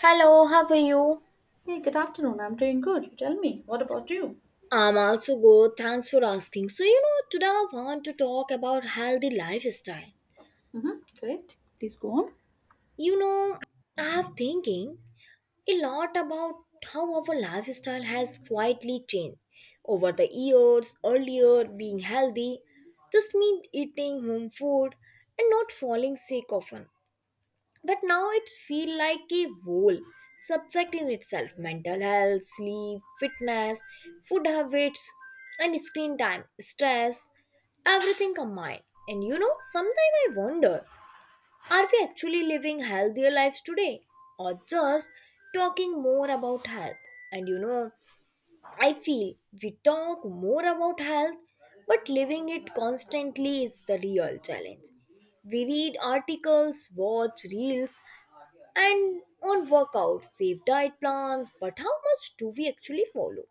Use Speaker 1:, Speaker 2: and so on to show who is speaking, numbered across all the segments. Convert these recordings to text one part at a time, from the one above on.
Speaker 1: Hello, how are you?
Speaker 2: Hey, good afternoon. I'm doing good. You tell me, what about you?
Speaker 1: I'm also good. Thanks for asking. So, you know, today I want to talk about healthy lifestyle.
Speaker 2: Mm-hmm. Great. Please go on.
Speaker 1: You know, I have thinking a lot about how our lifestyle has quietly changed over the years. Earlier, being healthy just meant eating home food and not falling sick often. But now it feels like a whole subject in itself, mental health, sleep, fitness, food habits, and screen time, stress, everything combined. And you know, sometimes I wonder, are we actually living healthier lives today or just talking more about health? And you know, I feel we talk more about health, but living it constantly is the real challenge. We read articles, watch reels, and on workouts, save diet plans, but how much do we actually follow?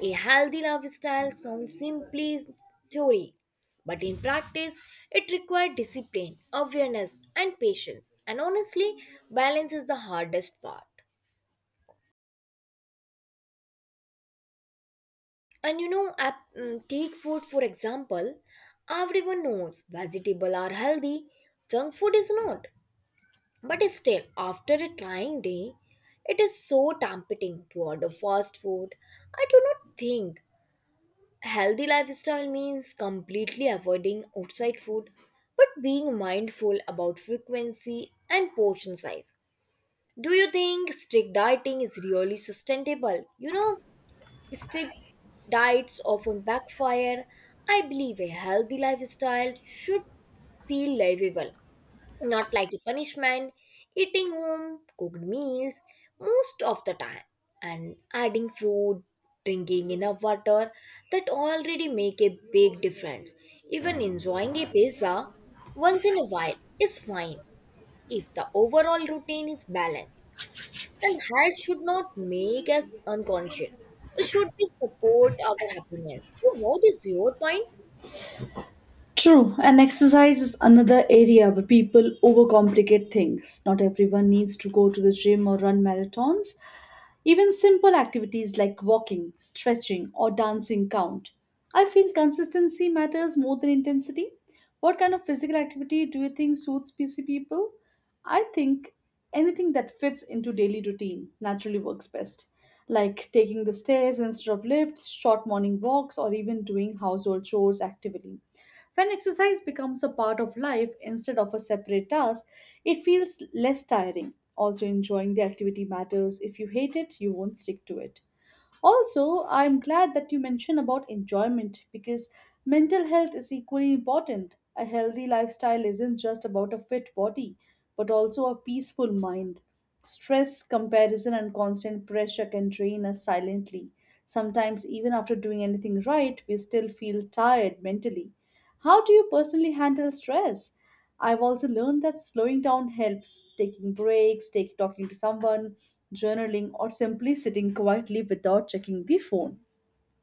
Speaker 1: A healthy lifestyle sounds simply theory, but in practice, it requires discipline, awareness, and patience. And honestly, balance is the hardest part. And you know, take food for example. Everyone knows vegetables are healthy, junk food is not. But still, after a trying day, it is so tempting to order fast food. I do not think healthy lifestyle means completely avoiding outside food, but being mindful about frequency and portion size. Do you think strict dieting is really sustainable? You know, strict diets often backfire. I believe a healthy lifestyle should feel livable, not like a punishment. Eating home cooked meals most of the time and adding fruit, drinking enough water, that already make a big difference. Even enjoying a pizza once in a while is fine if the overall routine is balanced. And height should not make us unconscious. It should be support our happiness. So what is your point?
Speaker 2: True, and exercise is another area where people overcomplicate things. Not everyone needs to go to the gym or run marathons. Even simple activities like walking, stretching, or dancing count. I feel consistency matters more than intensity. What kind of physical activity do you think suits PC people? I think anything that fits into daily routine naturally works best, like taking the stairs instead of lifts, short morning walks, or even doing household chores actively. When exercise becomes a part of life instead of a separate task, it feels less tiring. Also, enjoying the activity matters. If you hate it, you won't stick to it. Also, I'm glad that you mentioned about enjoyment because mental health is equally important. A healthy lifestyle isn't just about a fit body, but also a peaceful mind. Stress, comparison, and constant pressure can drain us silently. Sometimes, even after doing anything right, we still feel tired mentally. How do you personally handle stress? I've also learned that slowing down helps, taking breaks, take talking to someone, journaling, or simply sitting quietly without checking the phone.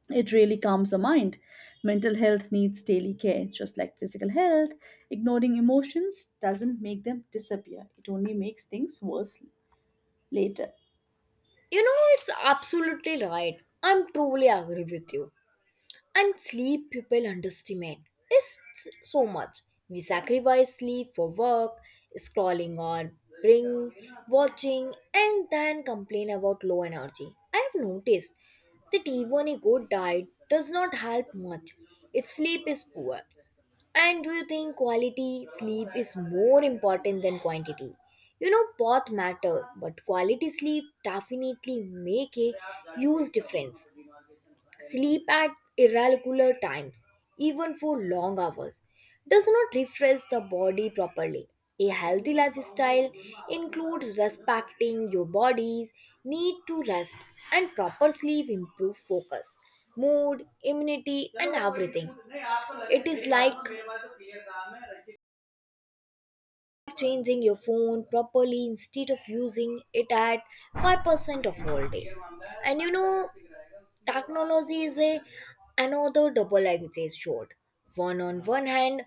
Speaker 2: It really calms the mind. Mental health needs daily care, just like physical health. Ignoring emotions doesn't make them disappear, it only makes things worse later.
Speaker 1: You know, it's absolutely right. I'm truly agree with you. And sleep people underestimate is so much. We sacrifice sleep for work, scrolling on, bring, watching, and then complain about low energy. I've noticed that even a good diet does not help much if sleep is poor. And do you think quality sleep is more important than quantity? You know, both matter, but quality sleep definitely make a huge difference. Sleep at irregular times, even for long hours, does not refresh the body properly. A healthy lifestyle includes respecting your body's need to rest, and proper sleep improves focus, mood, immunity, and everything. It is like changing your phone properly instead of using it at 5% of all day. And you know, technology is a another double-edged sword. One on one hand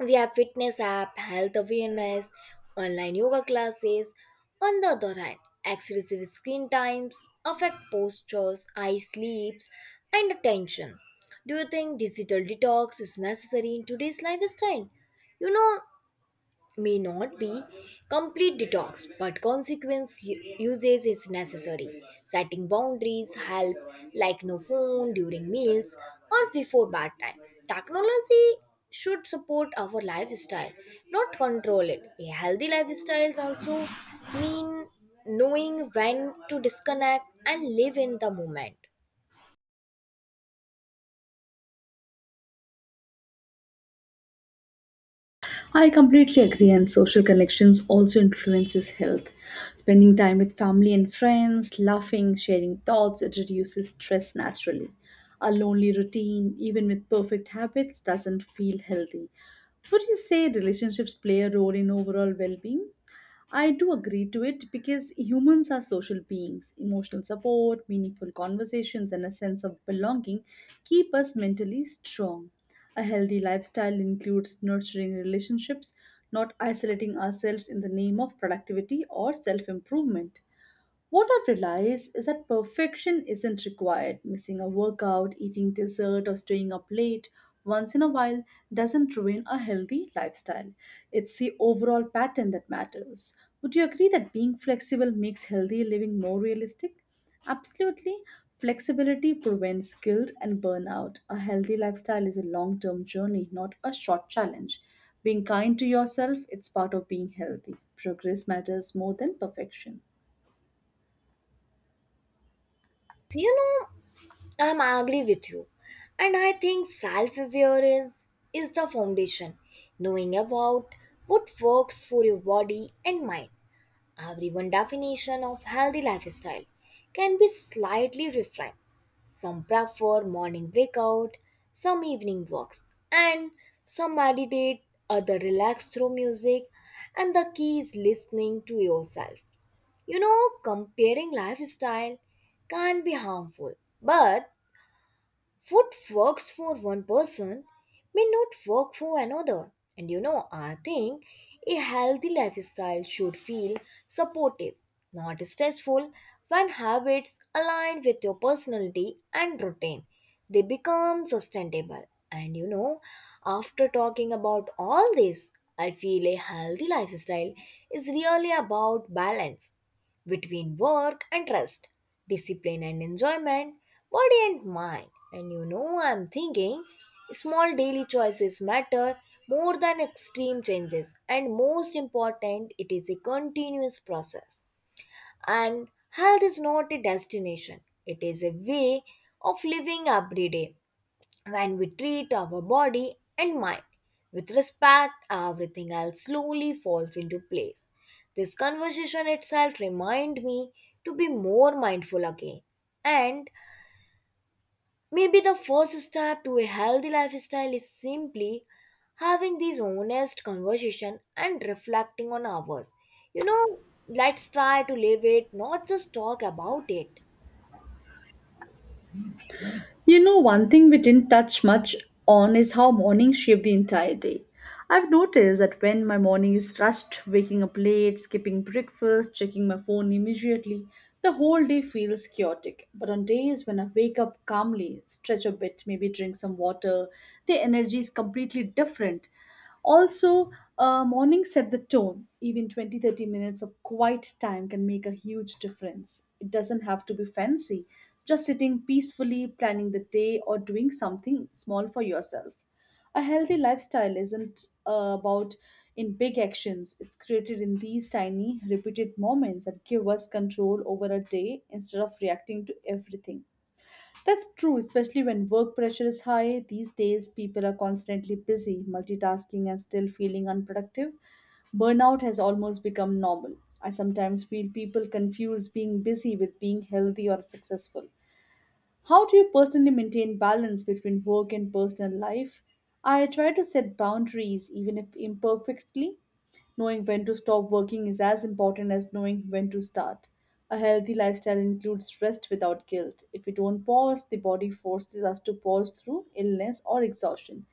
Speaker 1: we have fitness app, health awareness, online yoga classes. On the other hand, excessive screen times affect postures, eye sleeps, and attention. Do you think digital detox is necessary in today's lifestyle? You know, may not be complete detox, but consequence usage is necessary. Setting boundaries help, like no phone during meals or before bedtime. Technology should support our lifestyle, not control it. A healthy lifestyles also mean knowing when to disconnect and live in the moment.
Speaker 2: I completely agree, and social connections also influences health. Spending time with family and friends, laughing, sharing thoughts, it reduces stress naturally. A lonely routine, even with perfect habits, doesn't feel healthy. Would you say relationships play a role in overall well being? I do agree to it because humans are social beings. Emotional support, meaningful conversations, and a sense of belonging keep us mentally strong. A healthy lifestyle includes nurturing relationships, not isolating ourselves in the name of productivity or self improvement. What I've realized is that perfection isn't required. Missing a workout, eating dessert, or staying up late once in a while doesn't ruin a healthy lifestyle. It's the overall pattern that matters. Would you agree that being flexible makes healthy living more realistic? Absolutely. Flexibility prevents guilt and burnout. A healthy lifestyle is a long term journey, not a short challenge. Being kind to yourself, it's part of being healthy. Progress matters more than perfection.
Speaker 1: So, you know, I'm agree with you. And I think self-awareness is the foundation. Knowing about what works for your body and mind. Everyone definition of healthy lifestyle can be slightly different. Some prefer morning breakout, some evening walks, and some meditate, other relax through music, and the key is listening to yourself. You know, comparing lifestyle can be harmful, but what works for one person may not work for another. And you know, I think a healthy lifestyle should feel supportive, not stressful. When habits align with your personality and routine, they become sustainable. And you know, after talking about all this, I feel a healthy lifestyle is really about balance between work and rest, discipline and enjoyment, body and mind. And you know, I'm thinking small daily choices matter more than extreme changes, and most important, it is a continuous process. And health is not a destination, it is a way of living every day. When we treat our body and mind with respect, everything else slowly falls into place. This conversation itself reminded me to be more mindful again. And maybe the first step to a healthy lifestyle is simply having these honest conversation and reflecting on ours. You know, let's try to live it, not just talk about it.
Speaker 2: You know, one thing we didn't touch much on is how mornings shape the entire day. I've noticed that when my morning is rushed, waking up late, skipping breakfast, checking my phone immediately, the whole day feels chaotic. But on days when I wake up calmly, stretch a bit, maybe drink some water, the energy is completely different. Also, morning set the tone. Even 20-30 minutes of quiet time can make a huge difference. It doesn't have to be fancy, just sitting peacefully, planning the day, or doing something small for yourself. A healthy lifestyle isn't about in big actions, it's created in these tiny, repeated moments that give us control over a day instead of reacting to everything. That's true, especially when work pressure is high. These days, people are constantly busy, multitasking, and still feeling unproductive. Burnout has almost become normal. I sometimes feel people confuse being busy with being healthy or successful. How do you personally maintain balance between work and personal life? I try to set boundaries, even if imperfectly. Knowing when to stop working is as important as knowing when to start. A healthy lifestyle includes rest without guilt. If we don't pause, the body forces us to pause through illness or exhaustion.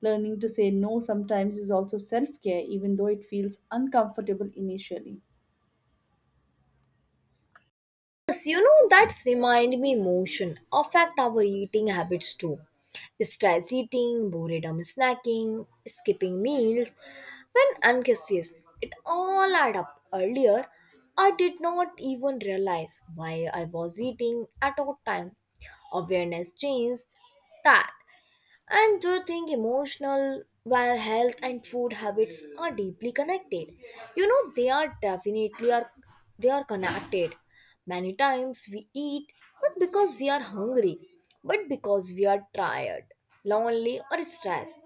Speaker 2: Learning to say no sometimes is also self care, even though it feels uncomfortable initially.
Speaker 1: Yes, you know, that's remind me motion affect our eating habits too. Stress eating, boredom snacking, skipping meals, when unconscious, it all add up. Earlier, I did not even realize why I was eating at what time. Awareness changed that. And do you think emotional, while health and food habits are deeply connected? You know, they are definitely are they are connected. Many times we eat not because we are hungry, but because we are tired, lonely, or stressed.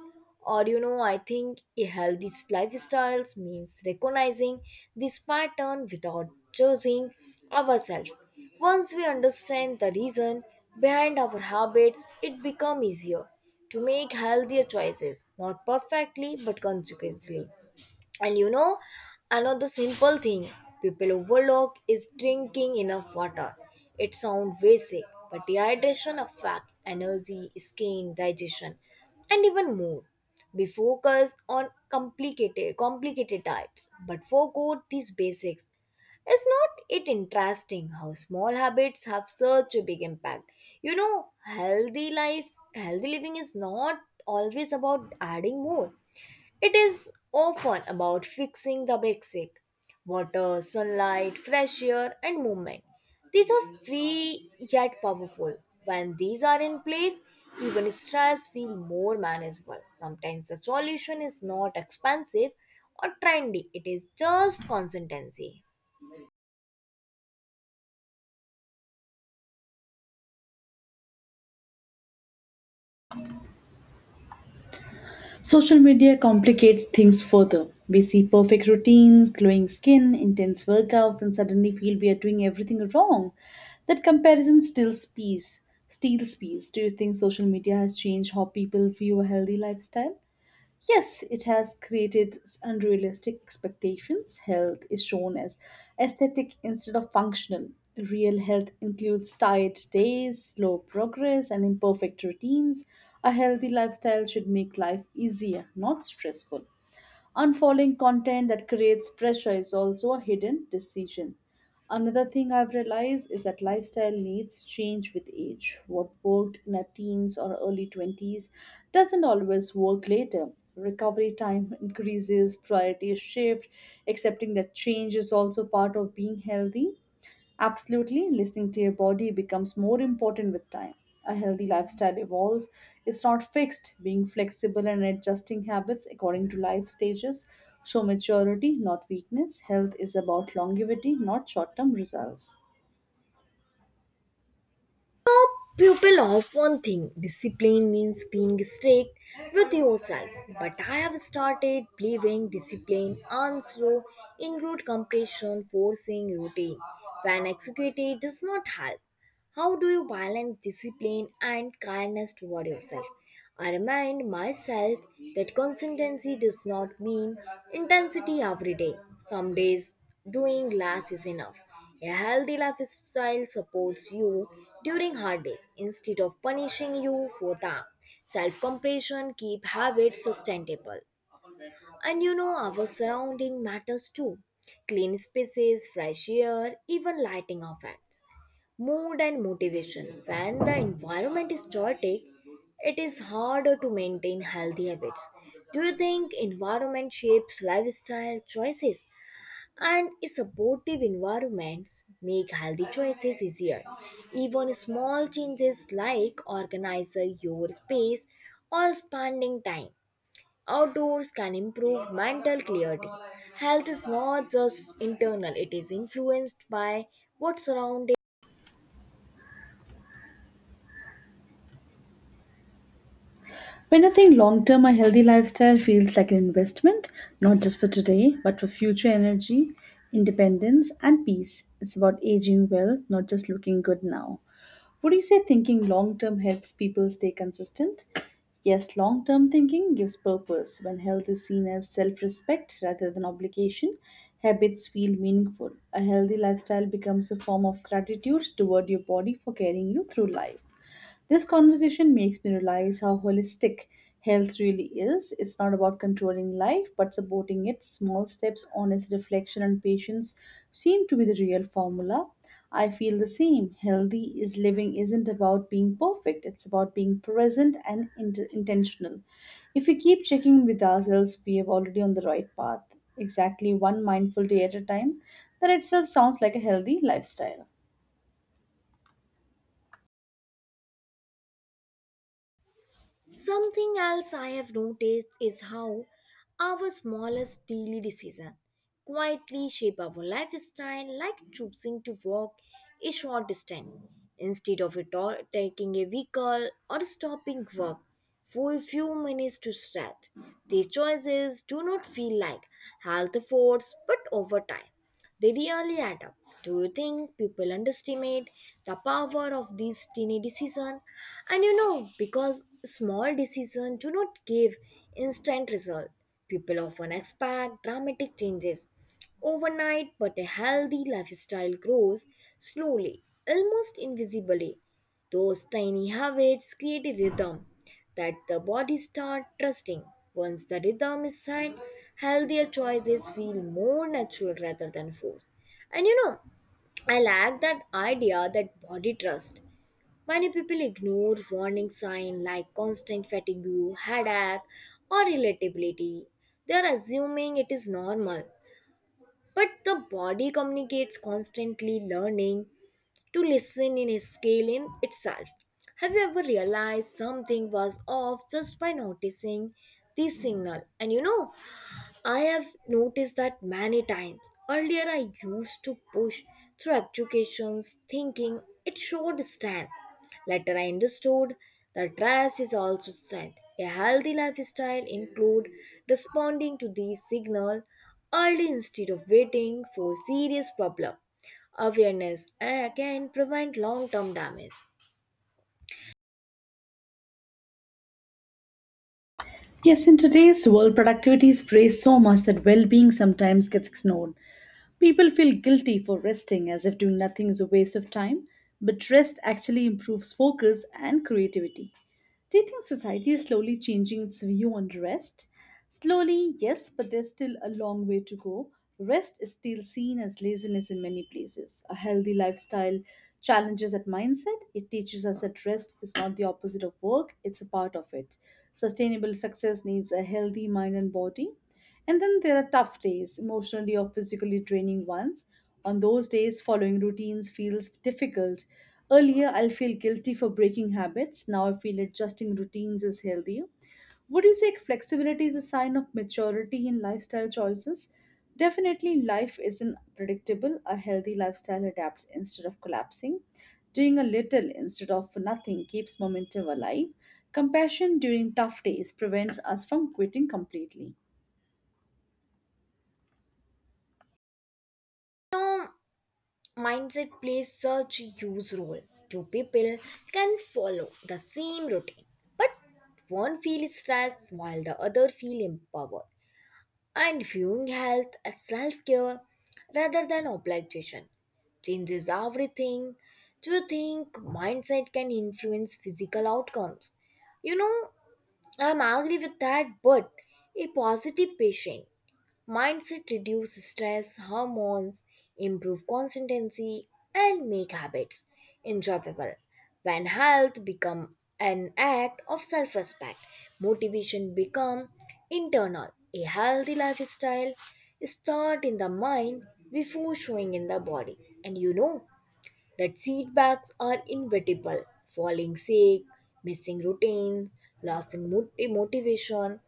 Speaker 1: Or you know, I think a healthy lifestyles means recognizing this pattern without judging ourselves. Once we understand the reason behind our habits, it becomes easier to make healthier choices, not perfectly but consequently. And you know, another simple thing people overlook is drinking enough water. It sounds basic, but dehydration affects energy, skin, digestion, and even mood. We focus on complicated diets, but forgot these basics. Is not it interesting how small habits have such a big impact? You know, healthy life, healthy living is not always about adding more. It is often about fixing the basic, water, sunlight, fresh air, and movement. These are free yet powerful. When these are in place, even stress feels more manageable. Sometimes the solution is not expensive or trendy, it is just consistency.
Speaker 2: Social media complicates things further. We see perfect routines, glowing skin, intense workouts, and suddenly feel we are doing everything wrong. That comparison steals peace. Steals peace. Do you think social media has changed how people view a healthy lifestyle? Yes, it has created unrealistic expectations. Health is shown as aesthetic instead of functional. Real health includes tired days, slow progress, and imperfect routines. A healthy lifestyle should make life easier, not stressful. Unfollowing content that creates pressure is also a hidden decision. Another thing I've realized is that lifestyle needs change with age. What worked in our teens or early 20s doesn't always work later. Recovery time increases, priorities shift, accepting that change is also part of being healthy. Absolutely, listening to your body becomes more important with time. A healthy lifestyle evolves, it's not fixed. Being flexible and adjusting habits according to life stages show maturity, not weakness. Health is about longevity, not short term results.
Speaker 1: People often think discipline means being strict with yourself, but I have started believing discipline also include compassion, forcing routine when executed does not help. How do you balance discipline and kindness toward yourself? I remind myself that consistency does not mean intensity every day. Some days, doing less is enough. A healthy lifestyle supports you during hard days instead of punishing you for them. Self compassion keep habits sustainable. And you know, our surrounding matters too. Clean spaces, fresh air, even lighting effects mood and motivation. When the environment is chaotic, it is harder to maintain healthy habits. Do you think environment shapes lifestyle choices? And supportive environments make healthy choices easier. Even small changes like organizing your space or spending time outdoors can improve mental clarity. Health is not just internal, it is influenced by what surrounds.
Speaker 2: When I think long term, a healthy lifestyle feels like an investment, not just for today, but for future energy, independence, and peace. It's about aging well, not just looking good now. Would you say thinking long term helps people stay consistent? Yes, long term thinking gives purpose. When health is seen as self respect rather than obligation, habits feel meaningful. A healthy lifestyle becomes a form of gratitude toward your body for carrying you through life. This conversation makes me realize how holistic health really is. It's not about controlling life, but supporting it. Small steps, honest reflection, and patience seem to be the real formula. I feel the same. Healthy is living isn't about being perfect, it's about being present and intentional. If we keep checking in with ourselves, we are already on the right path. Exactly one mindful day at a time. That itself sounds like a healthy lifestyle.
Speaker 1: Something else I have noticed is how our smallest daily decision quietly shape our lifestyle, like choosing to walk a short distance instead of it all taking a vehicle or stopping work for a few minutes to stretch. These choices do not feel like health efforts, but over time. They really add up. Do you think people underestimate the power of these tiny decisions? And you know, because small decisions do not give instant result, people often expect dramatic changes overnight, but a healthy lifestyle grows slowly, almost invisibly. Those tiny habits create a rhythm that the body starts trusting. Once the rhythm is set, healthier choices feel more natural rather than forced. And you know, I like that idea that body trust. Many people ignore warning signs like constant fatigue, headache, or irritability. They are assuming it is normal. But the body communicates constantly learning to listen in a scale in itself. Have you ever realized something was off just by noticing the signal? And you know, I have noticed that many times. Earlier, I used to push through educations thinking it showed strength. Later, I understood that rest is also strength. A healthy lifestyle include responding to these signals early instead of waiting for serious problem. Awareness can prevent long-term damage.
Speaker 2: Yes, in today's world, productivity is praised so much that well being sometimes gets ignored. People feel guilty for resting as if doing nothing is a waste of time, but rest actually improves focus and creativity. Do you think society is slowly changing its view on rest? Slowly, yes, but there's still a long way to go. Rest is still seen as laziness in many places. A healthy lifestyle challenges that mindset. It teaches us that rest is not the opposite of work, it's a part of it. Sustainable success needs a healthy mind and body. And then there are tough days, emotionally or physically draining ones. On those days, following routines feels difficult. Earlier, I'll feel guilty for breaking habits. Now, I feel adjusting routines is healthier. Would you say flexibility is a sign of maturity in lifestyle choices? Definitely, life isn't predictable. A healthy lifestyle adapts instead of collapsing. Doing a little instead of nothing keeps momentum alive. Compassion during tough days prevents us from quitting completely.
Speaker 1: Now, mindset plays such a huge role. Two people can follow the same routine, but one feels stressed while the other feels empowered. And viewing health as self care rather than obligation changes everything. Do you think mindset can influence physical outcomes? You know, I'm agree with that, but a positive patient mindset reduce stress hormones, improve consistency, and make habits enjoyable. When health become an act of self-respect, motivation become internal. A healthy lifestyle start in the mind before showing in the body. And you know that setbacks are inevitable. Falling sick, missing routine, losing motivation,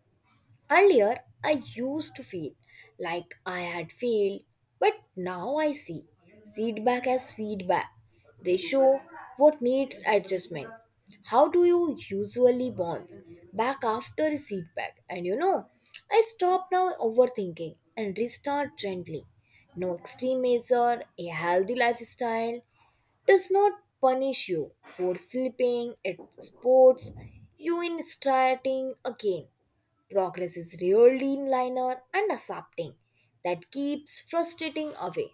Speaker 1: earlier, I used to feel like I had failed, but now I see feedback as feedback. They show what needs adjustment. How do you usually bounce back after a feedback? And you know, I stop now overthinking and restart gently. No extreme measure, a healthy lifestyle does not punish you for sleeping at sports, you in starting again. Progress is really linear and accepting. That keeps frustrating away.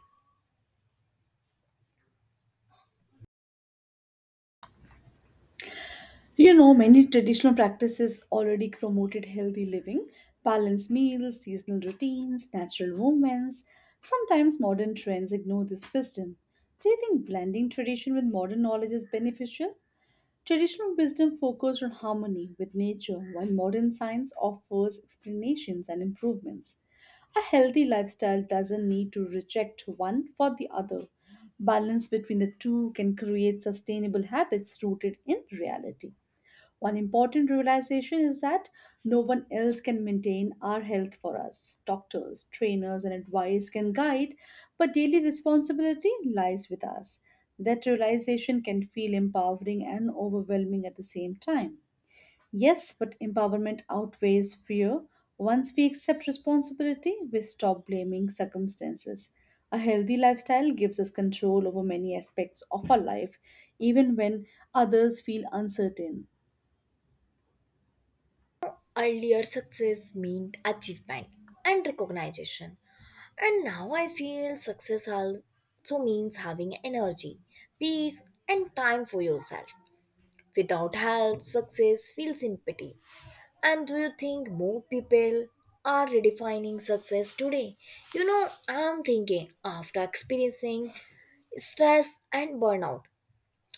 Speaker 2: You know, many traditional practices already promoted healthy living, balanced meals, seasonal routines, natural movements. Sometimes modern trends ignore this wisdom. Do you think blending tradition with modern knowledge is beneficial? Traditional wisdom focuses on harmony with nature, while modern science offers explanations and improvements. A healthy lifestyle doesn't need to reject one for the other. Balance between the two can create sustainable habits rooted in reality. One important realization is that no one else can maintain our health for us. Doctors, trainers, and advice can guide, but daily responsibility lies with us. That realization can feel empowering and overwhelming at the same time. Yes, but empowerment outweighs fear. Once we accept responsibility, we stop blaming circumstances. A healthy lifestyle gives us control over many aspects of our life, even when others feel uncertain.
Speaker 1: Earlier success meant achievement and recognition. And now I feel success also means having energy, peace, and time for yourself. Without health, success feels empty. And do you think more people are redefining success today? You know, I'm thinking after experiencing stress and burnout,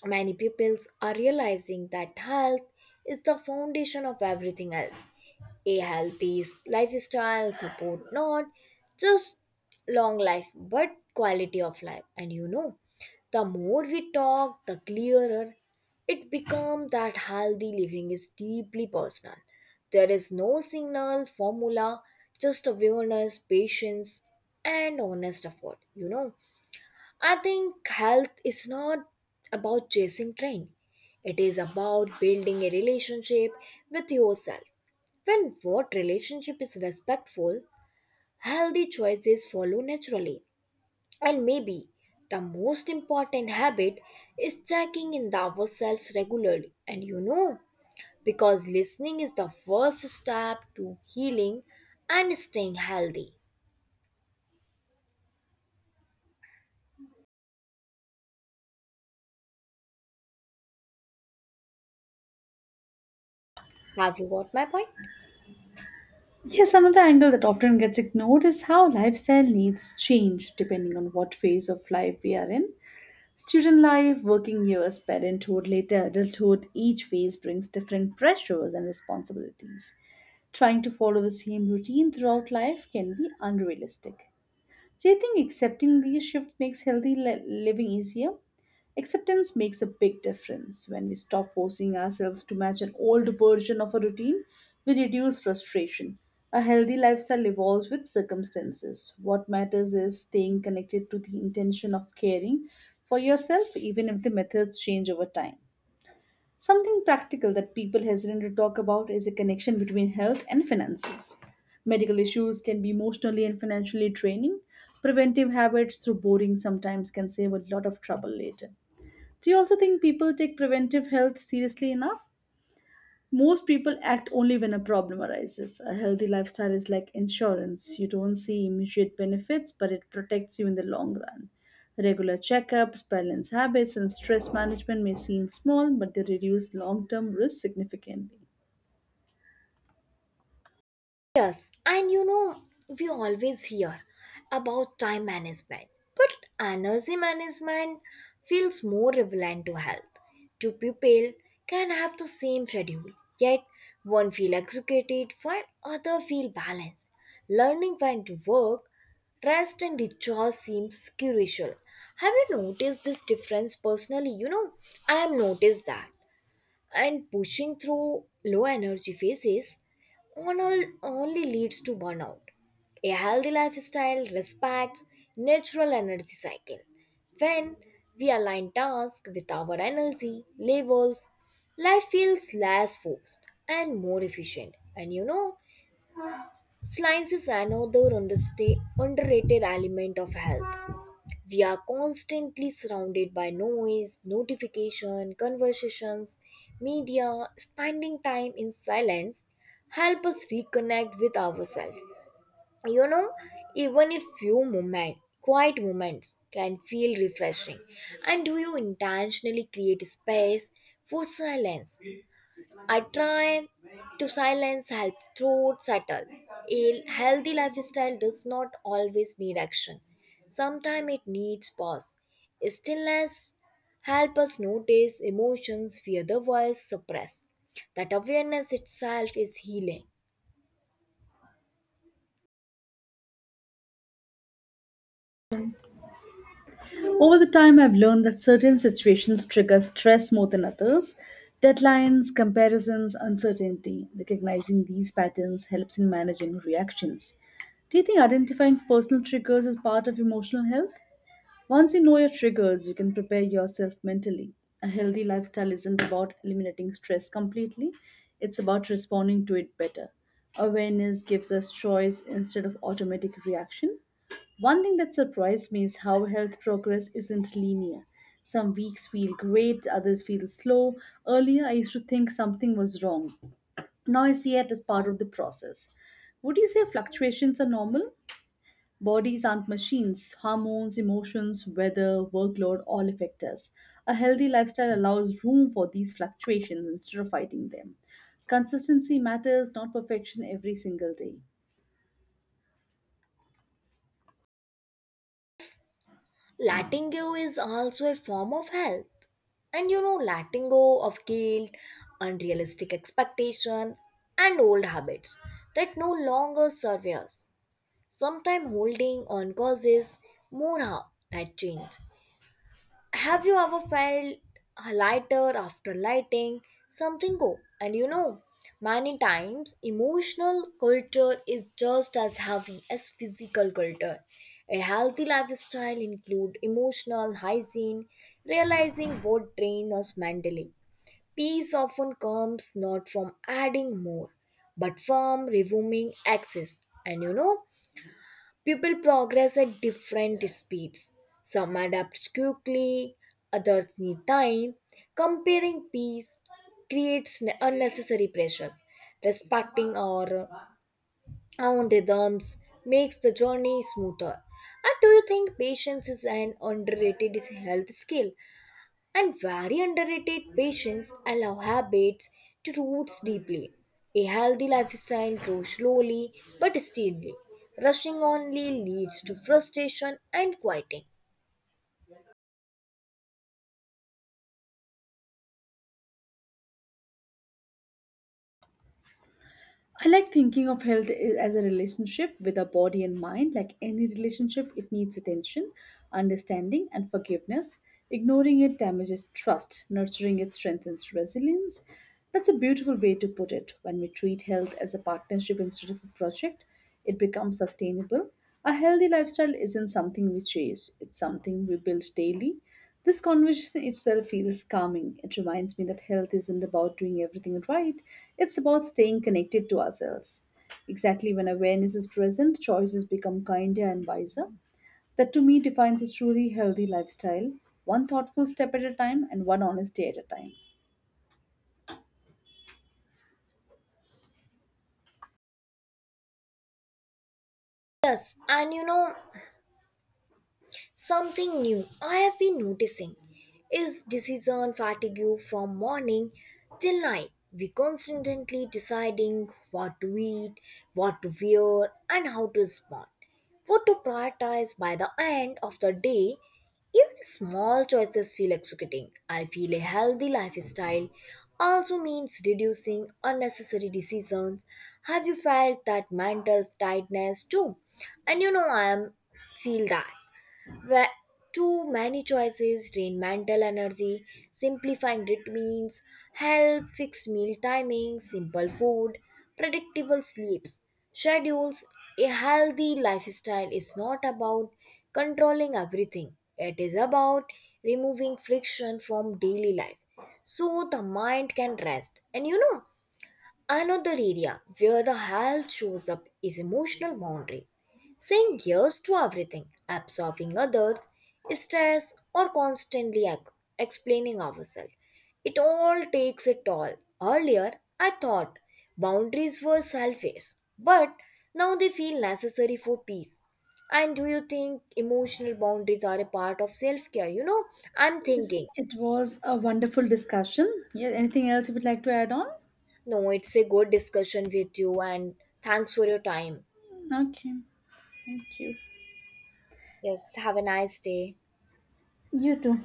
Speaker 1: many pupils are realizing that health is the foundation of everything else. A healthy lifestyle support not just long life but quality of life. The more we talk, the clearer it becomes that healthy living is deeply personal. There is no signal, formula, just awareness, patience, and honest effort. I think health is not about chasing trend. It is about building a relationship with yourself. When what relationship is respectful, healthy choices follow naturally. And maybe the most important habit is checking in the ourselves regularly. Because listening is the first step to healing and staying healthy. Have you got my point?
Speaker 2: Yes, another angle that often gets ignored is how lifestyle needs change depending on what phase of life we are in. Student life, working years, parenthood, later adulthood, each phase brings different pressures and responsibilities. Trying to follow the same routine throughout life can be unrealistic. Do you think accepting these shifts makes healthy living easier? Acceptance makes a big difference. When we stop forcing ourselves to match an old version of a routine, we reduce frustration. A healthy lifestyle evolves with circumstances. What matters is staying connected to the intention of caring for yourself, even if the methods change over time. Something practical that people hesitate to talk about is a connection between health and finances. Medical issues can be emotionally and financially draining. Preventive habits, through boring, sometimes can save a lot of trouble later. Do you also think people take preventive health seriously enough? Most people act only when a problem arises. A healthy lifestyle is like insurance. You don't see immediate benefits, but it protects you in the long run. Regular checkups, balanced habits, and stress management may seem small, but they reduce long term risk significantly.
Speaker 1: Yes, we always hear about time management, but energy management feels more relevant to health. Two people can have the same schedule, yet one feel executed while other feel balanced. Learning when to work, rest and recharge seems crucial. Have you noticed this difference personally? I have noticed that and pushing through low energy phases on all only leads to burnout. A healthy lifestyle respects natural energy cycle. When we align tasks with our energy levels, life feels less forced and more efficient. Science is another underrated element of health. We are constantly surrounded by noise, notification, conversations, media. Spending time in silence help us reconnect with ourselves. You know, Even a few moments, quiet moments can feel refreshing. And do you intentionally create space for silence? I try to silence help throat settle. A healthy lifestyle does not always need action. Sometimes it needs pause. Stillness help us notice emotions we otherwise suppress. That awareness itself is healing.
Speaker 2: Over the time, I've learned that certain situations trigger stress more than others. Deadlines, comparisons, uncertainty. Recognizing these patterns helps in managing reactions. Do you think identifying personal triggers is part of emotional health? Once you know your triggers, you can prepare yourself mentally. A healthy lifestyle isn't about eliminating stress completely, it's about responding to it better. Awareness gives us choice instead of automatic reaction. One thing that surprised me is how health progress isn't linear. Some weeks feel great, others feel slow. Earlier, I used to think something was wrong. Now I see it as part of the process. Would you say fluctuations are normal? Bodies aren't machines. Hormones, emotions, weather, workload all affect us. A healthy lifestyle allows room for these fluctuations instead of fighting them. Consistency matters, not perfection every single day.
Speaker 1: Letting go is also a form of health. Letting go of guilt, unrealistic expectation, and old habits that no longer serve us. Sometimes holding on causes more harm than change. Have you ever felt a lighter after lighting something go? Many times emotional culture is just as heavy as physical culture. A healthy lifestyle include emotional hygiene, realizing what drains us mentally. Peace often comes not from adding more, but from removing excess. People progress at different speeds. Some adapt quickly, others need time. Comparing peace creates unnecessary pressures. Respecting our own rhythms makes the journey smoother. And do you think patience is an underrated health skill? And very underrated patients allow habits to root deeply. A healthy lifestyle grows slowly but steadily. Rushing only leads to frustration and quieting.
Speaker 2: I like thinking of health as a relationship with our body and mind. Like any relationship, it needs attention, understanding, and forgiveness. Ignoring it damages trust, nurturing it strengthens resilience. That's a beautiful way to put it. When we treat health as a partnership instead of a project, it becomes sustainable. A healthy lifestyle isn't something we chase, it's something we build daily. This conversation itself feels calming. It reminds me that health isn't about doing everything right, it's about staying connected to ourselves. Exactly when awareness is present, choices become kinder and wiser. That to me defines a truly healthy lifestyle, one thoughtful step at a time and one honest day at a time.
Speaker 1: Yes, something new I have been noticing is decision fatigue from morning till night. We constantly deciding what to eat, what to wear, and how to respond. What to prioritize by the end of the day, even small choices feel executing. I feel a healthy lifestyle also means reducing unnecessary decisions. Have you felt that mental tightness too? And you know I am feel that. Where too many choices drain mental energy. Simplifying routines help fixed meal timings, simple food, predictable sleeps schedules. A healthy lifestyle is not about controlling everything. It is about removing friction from daily life so the mind can rest. Another area where the health shows up is emotional boundary, saying yes to everything, absorbing others, stress, or constantly explaining ourselves. It all takes a toll. Earlier, I thought boundaries were selfish, but now they feel necessary for peace. And do you think emotional boundaries are a part of self care? I'm
Speaker 2: Yes,
Speaker 1: thinking,
Speaker 2: it was a wonderful discussion. Yeah, anything else you would like to add on?
Speaker 1: no, it's a good discussion with you, and thanks for your time.
Speaker 2: Okay, thank you.
Speaker 1: Yes, have a nice day.
Speaker 2: You too.